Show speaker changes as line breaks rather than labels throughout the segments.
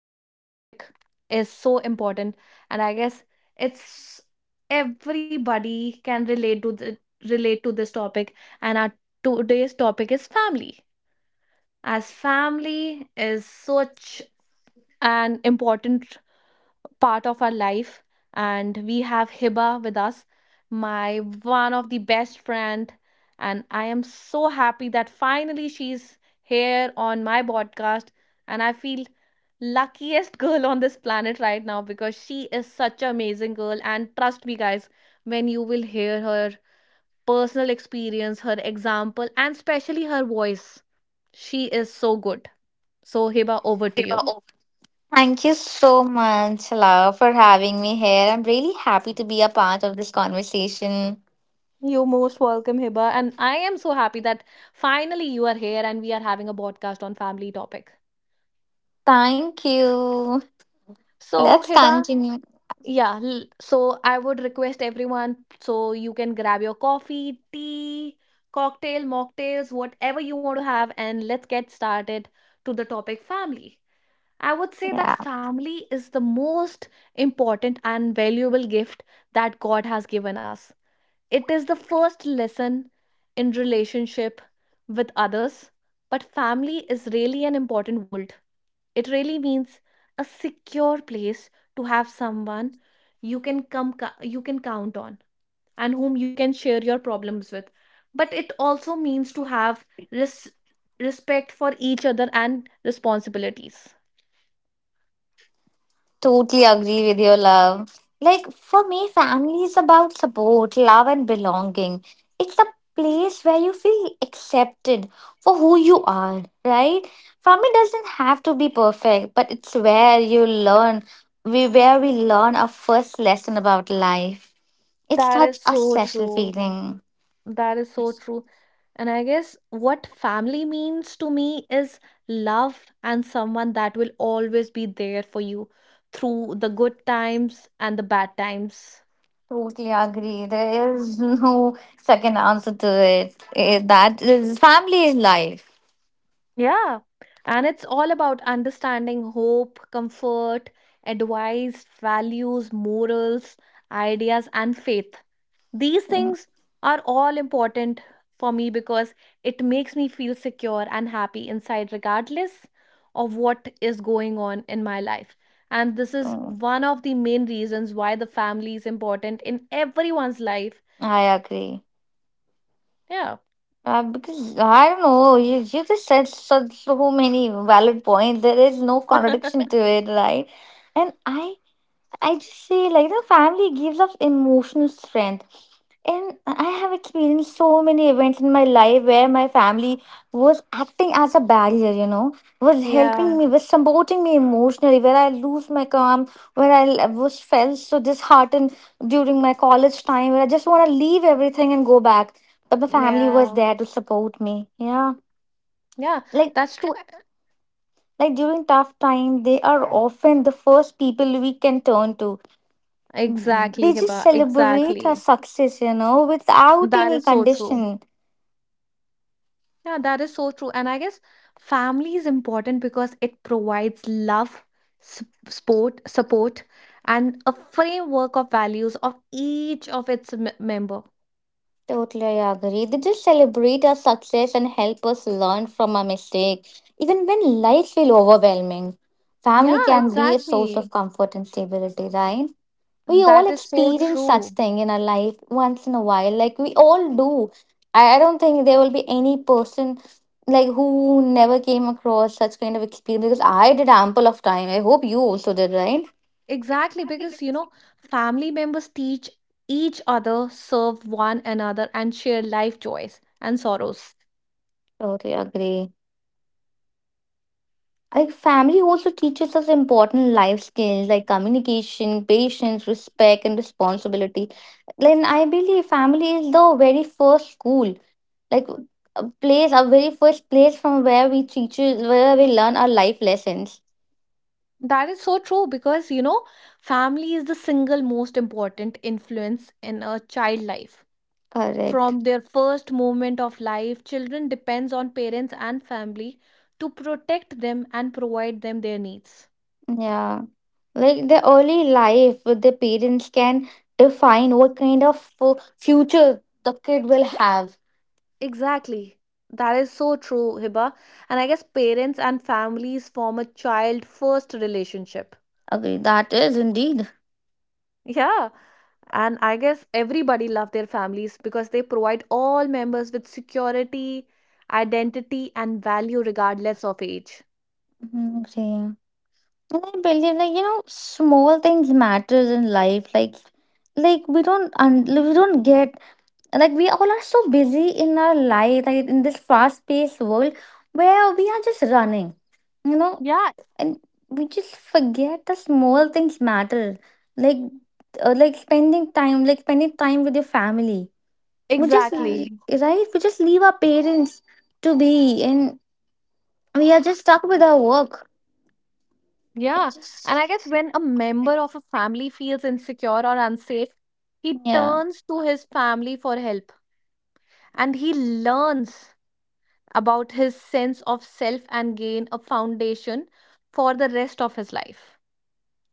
the topic is so important, and I guess it's everybody can relate relate to this topic. And our today's topic is family, as family is such an important part of our life, and we have Hiba with us, my one of the best friend, and I am so happy that finally she's here on my podcast. And I feel luckiest girl on this planet right now, because she is such an amazing girl. And trust me, guys, when you will hear her personal experience, her example, and especially her voice, she is so good. So, Hiba, over to you.
Deva, over. Thank you so much, Love, for having me here. I'm really happy to be a part of this conversation.
You're most welcome, Hiba. And I am so happy that finally you are here and we are having a podcast on family topic.
Thank you.
So,
Let's
Hiba,
continue.
yeah, so I would request everyone, so you can grab your coffee, tea, cocktail, mocktails, whatever you want to have, and let's get started to the topic family. I would say
Yeah,
that family is the most important and valuable gift that God has given us. It is the first lesson in relationship with others, but family is really an important world. It really means a secure place to have someone you can come, you can count on, and whom you can share your problems with. But it also means to have respect for each other and responsibilities.
totally agree with your love. Like for me, family is about support, love, and belonging. It's the place where you feel accepted for who you are, right? Family doesn't have to be perfect, but it's where you learn, we where we learn our first lesson about life. It's
That
such
is
a
so
special
true.
feeling.
That is so true. And I guess what family means to me is love and someone that will always be there for you through the good times and the bad times.
Totally agree. There is no second answer to it. Eh, That is Family is life.
Yeah. And it's all about understanding, hope, comfort, advice, values, morals, ideas, and faith. These
Mm,
things are all important for me because it makes me feel secure and happy inside, regardless of what is going on in my life. And this is
mm,
one of the main reasons why the family is important in everyone's life.
I agree.
Yeah.
Because I don't know, you just said so many valid points. There is no contradiction to it, right? And I just say like the family gives us emotional strength. And I have experienced so many events in my life where my family was acting as a barrier, was
Yeah,
helping me, was supporting me emotionally, where I lose my calm, where I was felt so disheartened during my college time, where I just want to leave everything and go back. But my family was
yeah,
there to support me. Yeah.
yeah,
Like,
that's true.
like, during tough time, they are often the first people we can turn to.
Exactly,
They just
Hiba.
celebrate our
Exactly.
success, without
That
any
is so true.
condition.
Yeah, that is so true. And I guess family is important because it provides love, support, and a framework of values of each of its member.
Totally agree. They just celebrate our success and help us learn from our mistake, even when life feel overwhelming.
Yeah,
Family can be a source
exactly.
of comfort and stability, right? We all
That is so
experience such
true.
thing in our life once in a while, like we all do. I don't think there will be any person like who never came across such kind of experience because I did ample of time. I hope you also did, right?
Exactly, because you know, family members teach each other, serve one another, and share life joys and sorrows.
Totally agree. Like family also teaches us important life skills like communication, patience, respect, and responsibility. Then I believe family is the very first school, like a place, our very first place from where we learn our life lessons.
That is so true, because you know, family is the single most important influence in a child life.
Correct.
From their first moment of life, children depends on parents and family to protect them and provide them their needs.
Yeah. Like the early life with the parents can define what kind of future the kid will have.
Exactly. That is so true, Hiba. And I guess parents and families form a child first relationship.
Agree. That is indeed.
Yeah. And I guess everybody love their families because they provide all members with security, identity, and value regardless of age.
Mhm. Okay. And I believe, like, small things matters in life. Like, we don't, we don't get. Like we all are so busy in our life, like in this fast-paced world where we are just running, you know,
Yeah,
and we just forget the small things matter. Like, like, spending time with your family. We just.
exactly.
Exactly. Right? We just leave our parents to be, and we are just stuck with our work. It
Yeah. And
just,
I guess when a member of a family feels insecure or unsafe, he
yeah.
turns to his family for help and he learns about his sense of self and gain a foundation for the rest of his life.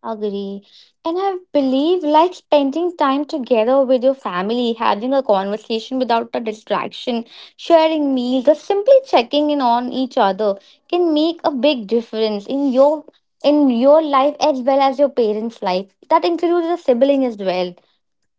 Agree. And I believe like spending time together with your family, having a conversation without a distraction, sharing meals, or simply checking in on each other can make a big difference in your life as well as your parents' life. That includes a sibling as well.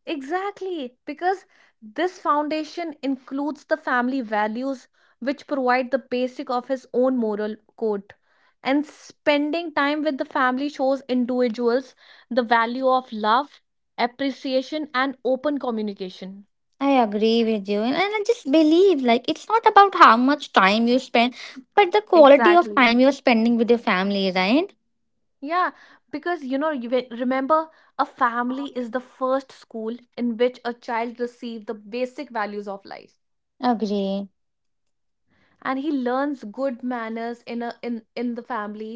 Exactly, because this foundation includes the family values which provide the basic of his own moral code. And spending time with the family shows individuals the value of love, appreciation, and open communication.
I agree with you. and I just believe like it's not about how much time you spend, but the quality of
Exactly.
time you're spending with your family, right?
Yeah, because you know, you remember, a family is the first school in which a child receives the basic values of life.
Agree.
And he learns good manners in a in in the family.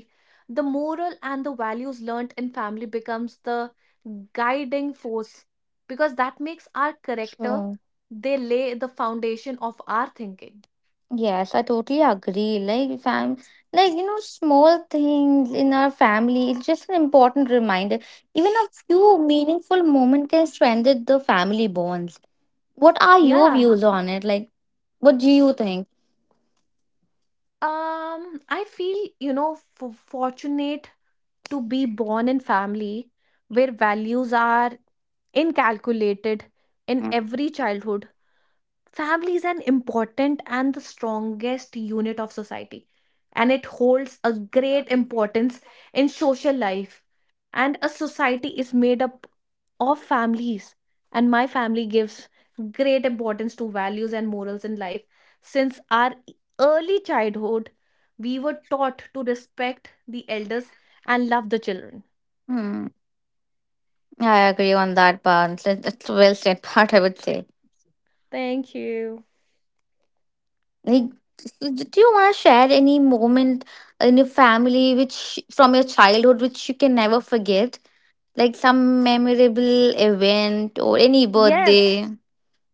The moral and the values learnt in family becomes the guiding force because that makes our character.
True.
They lay the foundation of our thinking.
Yes, I totally agree. Like, small things in our family, it's just an important reminder. Even a few meaningful moment can strengthen the family bonds. What are your
Yeah.
views on it? Like what do you think?
I feel, you know, fortunate to be born in family where values are incalculated in every childhood. Family is an important and the strongest unit of society, and it holds a great importance in social life. And a society is made up of families, and my family gives great importance to values and morals in life. Since our early childhood, we were taught to respect the elders and love the children.
hmm I agree on that part. That's a well said part I would say.
Thank you.
Like do you wanna share any moment in your family which from your childhood which you can never forget? Like some memorable event or any birthday.
Yes.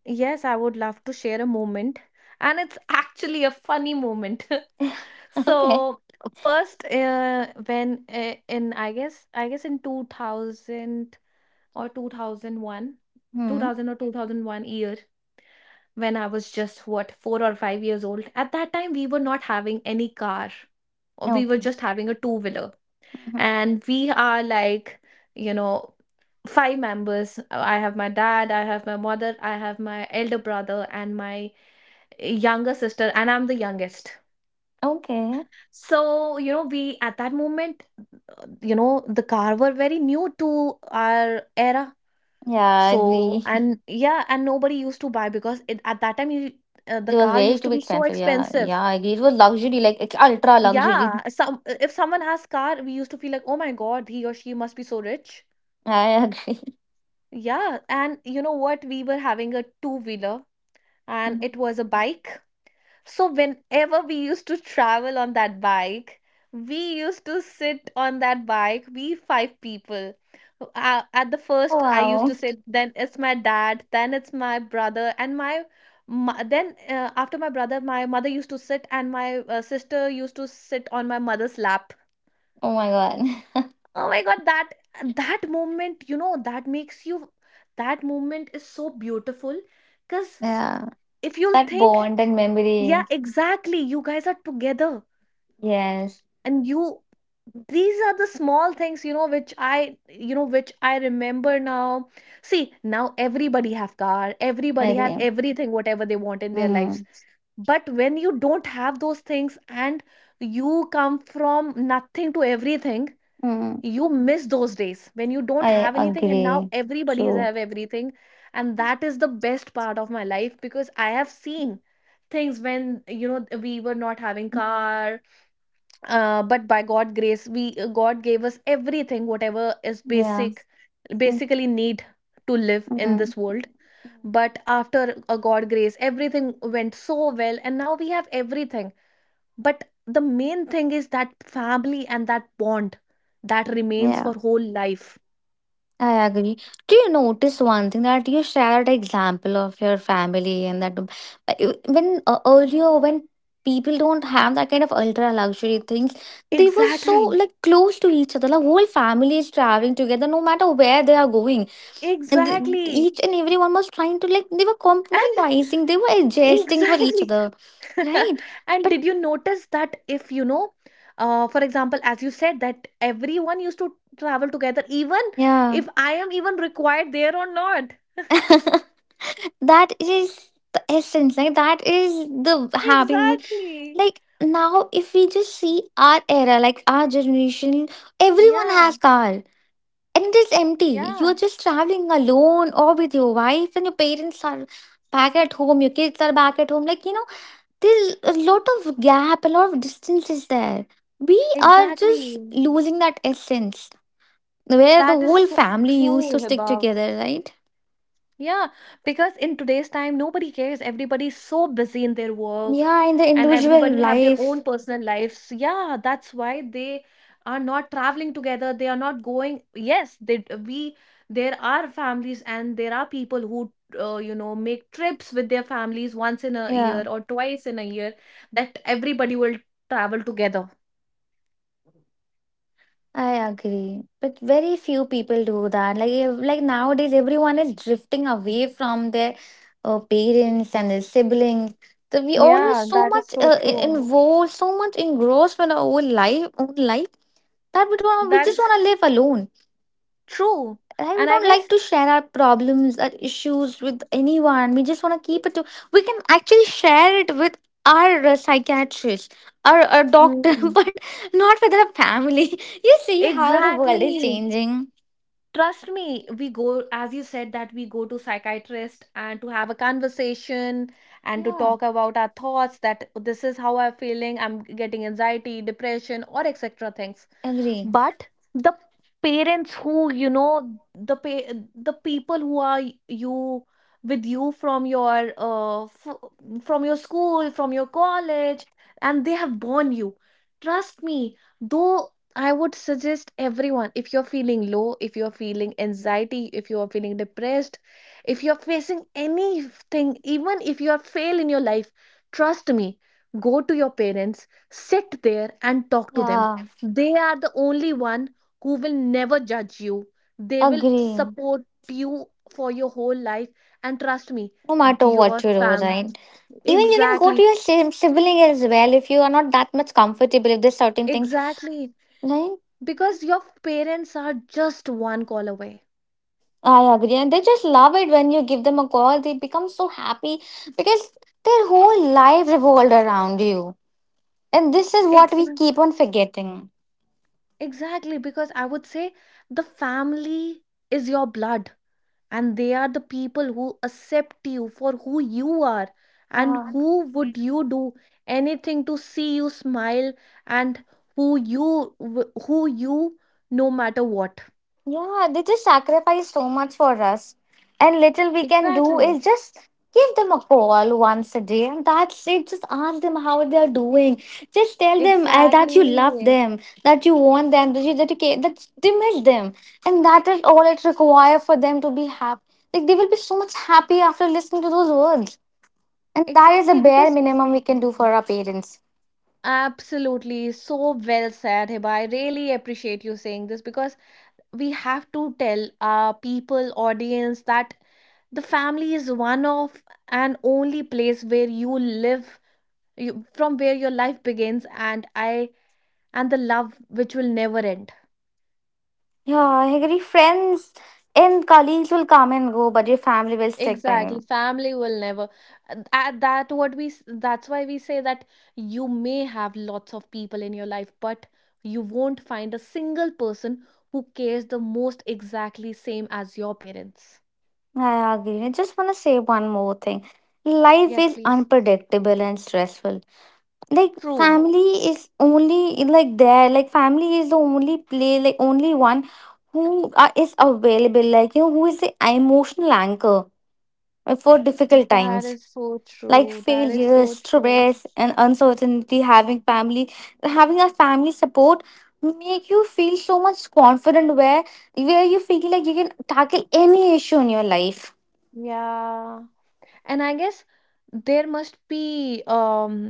Yes, I would love to share a moment, and it's actually a funny moment.
Okay.
So first, when in I guess in 2000 or 2001, two
Hmm.
thousand or two thousand one year, when I was just what 4 or 5 years old. At that time, we were not having any car, or we were
Okay.
just having a two wheeler,
Mhm.
and we are like, you know, five members. I have my dad, I have my mother, I have my elder brother, and my younger sister, and I'm the youngest.
Okay.
So, you know, we at that moment, you know, the car were very new to our era.
Yeah, I
So,
agree.
and yeah, and nobody used to buy because it, at that time, the
It was
car
way
used to
too
be so
expensive. Yeah,
expensive.
yeah, I agree. It was luxury, like it's ultra luxury.
Yeah, some, if someone has car, we used to feel like, oh my God, he or she must be so rich.
I agree.
Yeah, and you know what, we were having a two wheeler, and it
Mhm.
was a bike. So, whenever we used to travel on that bike, we used to sit on that bike, we five people. At the first, I used
Wow.
to sit, then it's my dad, then it's my brother, and my, mo- then after my brother, my mother used to sit, and my sister used to sit on my mother's lap.
Oh my god.
Oh my God, that moment, you know, that makes you, that moment is so beautiful, because
Yeah.
if you'll
That
think,
bond and
yeah,
memory.
exactly, you guys are together,
Yes,
and you, these are the small things, you know, which I remember now. See, now everybody have car,
I
everybody have
agree.
everything whatever they want in their
Mm-hmm.
lives, but when you don't have those things and you come from nothing to everything,
Mm.
you miss those days when you don't
I
have anything and now
agree.
everybody has
True.
have everything. And that is the best part of my life because I have seen things when, you know, we were not having
Mm.
car. But by God grace, we God gave us everything whatever is
Yeah.
basic
Mm.
basically need to live in
Hmm.
this world. But after a God grace, everything went so well and now we have everything. But the main thing is that family, and that bond, that remains
Yeah.
for whole life.
I agree. Do you notice one thing that you shared example of your family and that you- when earlier when people don't have that kind of ultra luxury things, they were so
Exactly.
like close to each other. Like whole family is traveling together, no matter where they are going. And
Exactly.
each and everyone was trying to like they were
And
compromising, they were adjusting for each
exactly.
other, right?
And
But
did you notice that if, you know, for example, as you said, that everyone used to travel together, even
yeah,
if I am even required there or not.
that is the essence. Like that is the happy moment.
Exactly.
Like now if we just see our era, like our generation, everyone
Yeah,
has car, and it is empty.
yeah,
You're just traveling alone or with your wife, and your parents are back at home, your kids are back at home, like there's a lot of gap, a lot of distance is there. We are
exactly.
just losing that essence where the
That is
whole
so
family used to
true,
stick
Hibab.
together, right?
Yeah, because in today's time, nobody cares. Everybody's so busy in their work
Yeah, in the
and
individual
everybody have their own
life.
personal lives. Yeah, that's why they are not traveling together. They are not going. Yes, they we there are families and there are people who you know make trips with their families once in a year
Yeah,
or twice in a year, that everybody will travel together.
I agree, but very few people do that. Like nowadays, everyone is drifting away from their parents and their siblings. So we all are
Yeah,
so
that is
much
so true.
involved, so much engrossed with our own life that we don't. We
That
just
is
want to live alone.
true.
Right? We
And I
don't like
guess.
to share our problems or issues with anyone. We just want to keep it to. We can actually share it with our psychiatrist or a doctor,
Hmm.
but not with our family. You see how the world is
Exactly.
changing.
Trust me, we go, as you said, that we go to psychiatrist and to have a conversation and to
Yeah.
talk about our thoughts that this is how I'm feeling, I'm getting anxiety, depression, or etc. things.
Agree.
But the parents who, you know, the people who are you with you from your from your school, from your college, and they have borne you. Trust me, though, I would suggest everyone, if you're feeling low, if you're feeling anxiety, if you're feeling depressed, if you're facing anything, even if you are fail in your life, trust me, go to your parents, sit there, and talk to them.
Yeah.
They are the only one who will never judge you. They will
Agree.
support you for your whole life. And trust me,
No matter what
your
you do,
fam
right? Even you can go to
exactly.
your sibling as well, if you are not that much comfortable, if there's certain things,
Exactly,
right?
because your parents are just one call away.
I agree. And they just love it when you give them a call. They become so happy because their whole life revolved around you. And this is what
Ex-
we keep on forgetting.
exactly, because I would say the family is your blood, and they are the people who accept you for who you are and
Yeah.
who would you do anything to see you smile, and who you no matter what.
Yeah, they just sacrifice so much for us. And little we can do
Exactly.
is just give them a call once a day. And that's it. Just ask them how they are doing. Just tell them that
Exactly.
you love them, that you want them, that you care, that they miss them. And that is all it requires for them to be happy. Like they will be so much happy after listening to those words. And that is the
Exactly,
bare
because
minimum we can do for our parents.
absolutely so well said, Hiba. I really appreciate you saying this because we have to tell our people audience that the family is one of and only place where you live from where your life begins and I and the love which will never end.
Yeah, I agree. Friends and colleagues will come and go, but your family will stick by
Exactly,
you.
family will never. At that what that's why we say that you may have lots of people in your life, but you won't find a single person who cares the most exactly same as your parents.
I agree. I just want to say one more thing. Life
Yes,
is
please.
unpredictable and stressful. Like
True.
family is only like there. Like family is the only play. Like only one who is available. Like who is the emotional anchor for difficult
That
times.
is so
Like
true, that is
failures,
so true.
stress, and uncertainty. Having family, having a family support make you feel so much confident. Where you feel like you can tackle any issue in your life.
Yeah, and I guess there must be um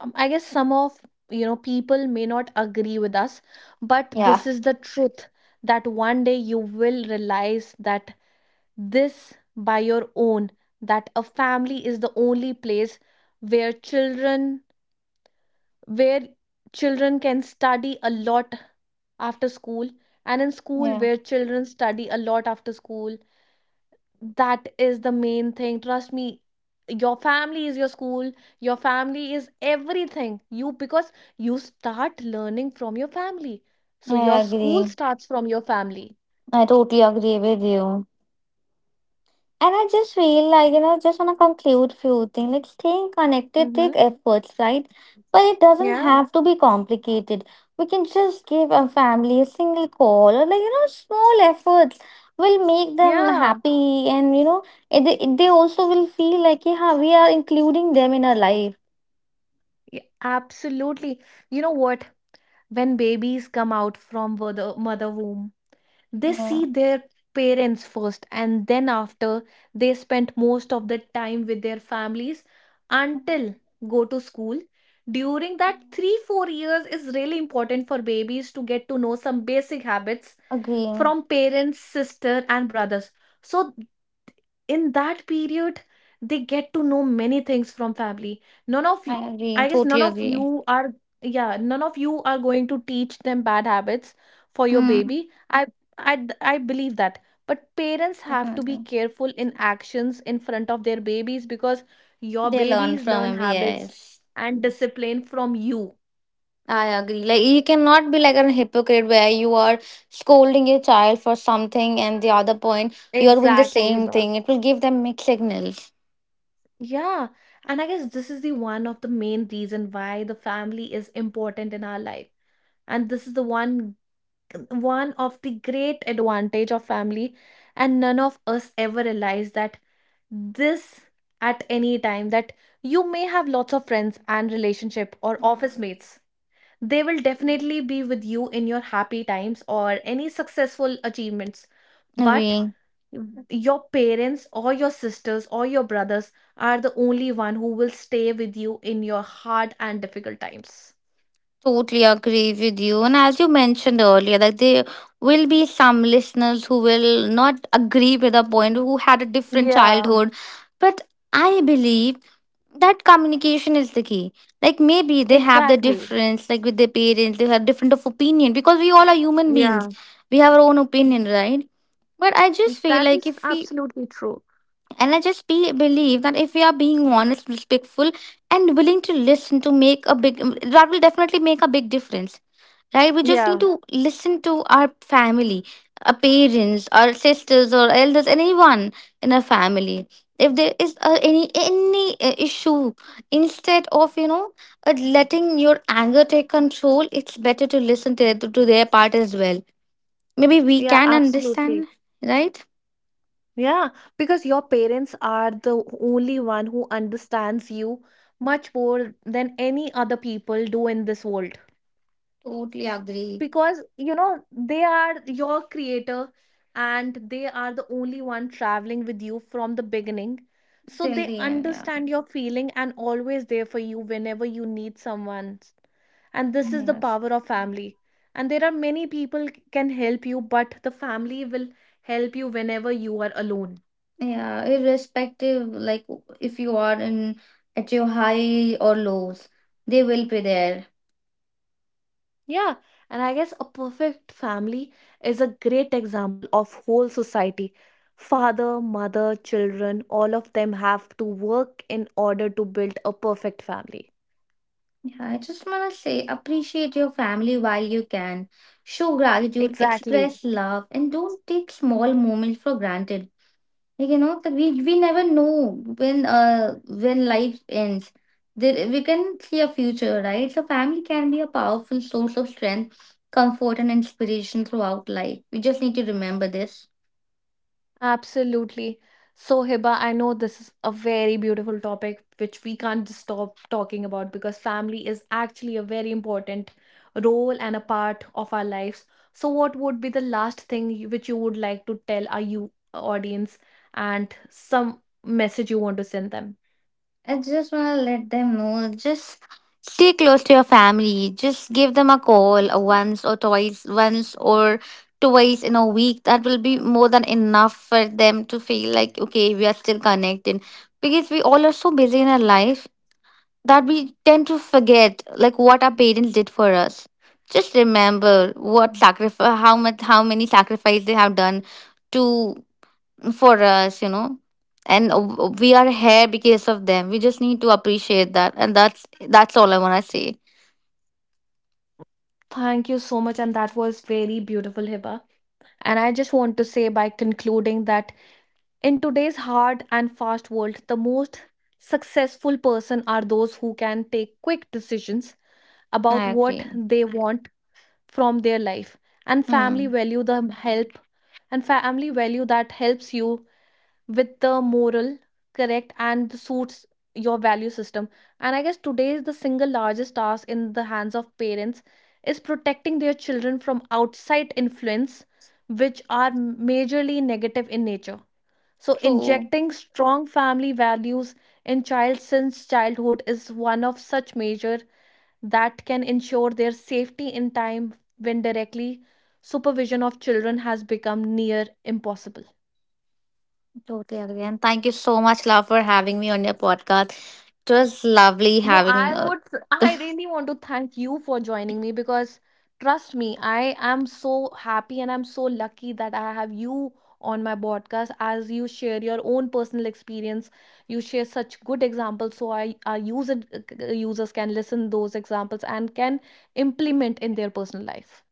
um, I guess some of people may not agree with us, but
Yeah.
this is the truth. That one day you will realize that this by your own, that a family is the only place where where children can study a lot after school, and in school
Yeah.
where children study a lot after school. That is the main thing. Trust me, your family is your school, your family is everything. You because you start learning from your family. So
I
your school
agree.
starts from your family.
I totally agree with you. And I just feel like, just want to conclude few things. Like staying connected
Mm-hmm.
take efforts, right? But it doesn't
Yeah,
have to be complicated. We can just give a family a single call or like, small efforts will make them
yeah,
happy and, they also will feel like, yeah, we are including them in our life.
yeah, absolutely. You know what? When babies come out from the mother womb, they
Yeah.
see their parents first, and then after they spent most of the time with their families until
Mm,
go to school. During that
mm.
3 4 years is really important for babies to get to know some basic habits
Agree.
from parents, sister and brothers. So in that period they get to know many things from family. None of you
I agree.
I guess none
Totally
of
agree.
you are yeah, none of you are going to teach them bad habits for your
Mm,
baby. I believe that, but parents have to be
Definitely.
careful in actions in front of their babies, because your
They learn
babies
from
learn
every
habits
yes.
and discipline from you.
I agree. Like you cannot be like a hypocrite where you are scolding your child for something and the other point you are doing the
Exactly,
same
Hiba.
thing. It will give them mixed signals.
Yeah, and I guess this is the one of the main reason why the family is important in our life, and this is the one one of the great advantage of family. And none of us ever realize that this at any time that you may have lots of friends and relationship or office
Mm,
mates. They will
mm.
definitely be with you in your happy times or any successful achievements, but
Agree.
your parents or your sisters or your brothers are the only one who will stay with you in your hard and difficult times.
Totally agree with you. And as you mentioned earlier, like there will be some listeners who will not agree with the point who had a different
Yeah,
childhood. But I believe that communication is the key. Like maybe they have the
exactly.
difference, like with their parents, they have different of opinion because we all are human beings. We have our own opinion, right? But I just feel
That
like
is
if we,
absolutely true.
and I just believe that if we are being honest, respectful, and willing to listen to make a big, that will definitely make a big difference, right? We just need
Yeah,
to listen to our family, our parents, our sisters, or elders, anyone in our family. If there is any issue, instead of letting your anger take control, it's better to listen to their part as well. Maybe we
yeah,
can
absolutely.
understand, right?
Yeah, because your parents are the only one who understands you much more than any other people do in this world.
Totally agree.
Because you know they are your creator, and they are the only one traveling with you from the beginning, so
Till
they
the end, yeah.
understand your feeling and always there for you whenever you need someone. And this is the
Yes.
power of family. And there are many people can help you, but the family will help you whenever you are alone.
Yeah, irrespective, like if you are in at your high or lows, they will be there.
Yeah, and I guess a perfect family is a great example of whole society. Father, mother, children, all of them have to work in order to build a perfect family.
Yeah, I just want to say appreciate your family while you can. Show gratitude,
Exactly.
express love, and don't take small moments for granted. Like, that we never know when when life ends. There, we can see a future, right? So family can be a powerful source of strength, comfort, and inspiration throughout life. We just need to remember this.
Absolutely. So, Hiba, I know this is a very beautiful topic which we can't just stop talking about, because family is actually a very important role and a part of our lives. So, what would be the last thing which you would like to tell our you audience and some message you want to send them?
I just want to let them know just stay close to your family. Just give them a call once or twice in a week. That will be more than enough for them to feel like, okay, we are still connected. Because we all are so busy in our life that we tend to forget like what our parents did for us. Just remember what sacrifice, how many sacrifice they have done to for us. And we are here because of them. We just need to appreciate that, and that's all I wanna say.
Thank you so much, and that was very beautiful, Hiba. And I just want to say by concluding that in today's hard and fast world, the most successful person are those who can take quick decisions about
I
what
agree.
they want from their life. And family
Hmm.
value the help, and family value that helps you with the moral correct and suits your value system. And I guess today is the single largest task in the hands of parents is protecting their children from outside influence, which are majorly negative in nature. So,
True.
injecting strong family values in child since childhood is one of such measure that can ensure their safety in time when directly supervision of children has become near impossible.
Totally agree. And thank you so much, love, for having me on your podcast. It was lovely
No,
having.
I would, I really want to thank you for joining me, because trust me, I am so happy and I'm so lucky that I have you on my podcast as you share your own personal experience. You share such good examples, so I our users can listen those examples and can implement in their personal life.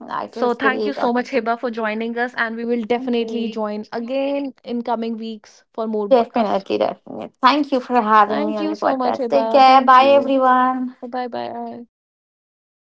It
So
was
thank you
great
so
talking
much,
to
Hiba, for joining us, and we will
you.
definitely
Okay.
join again in coming weeks for more podcasts.
Definitely, definitely. Thank you for having me
Thank
on
you
your
so much,
podcast. Take
Hiba.
care.
Thank
Bye,
you.
everyone.
Bye bye.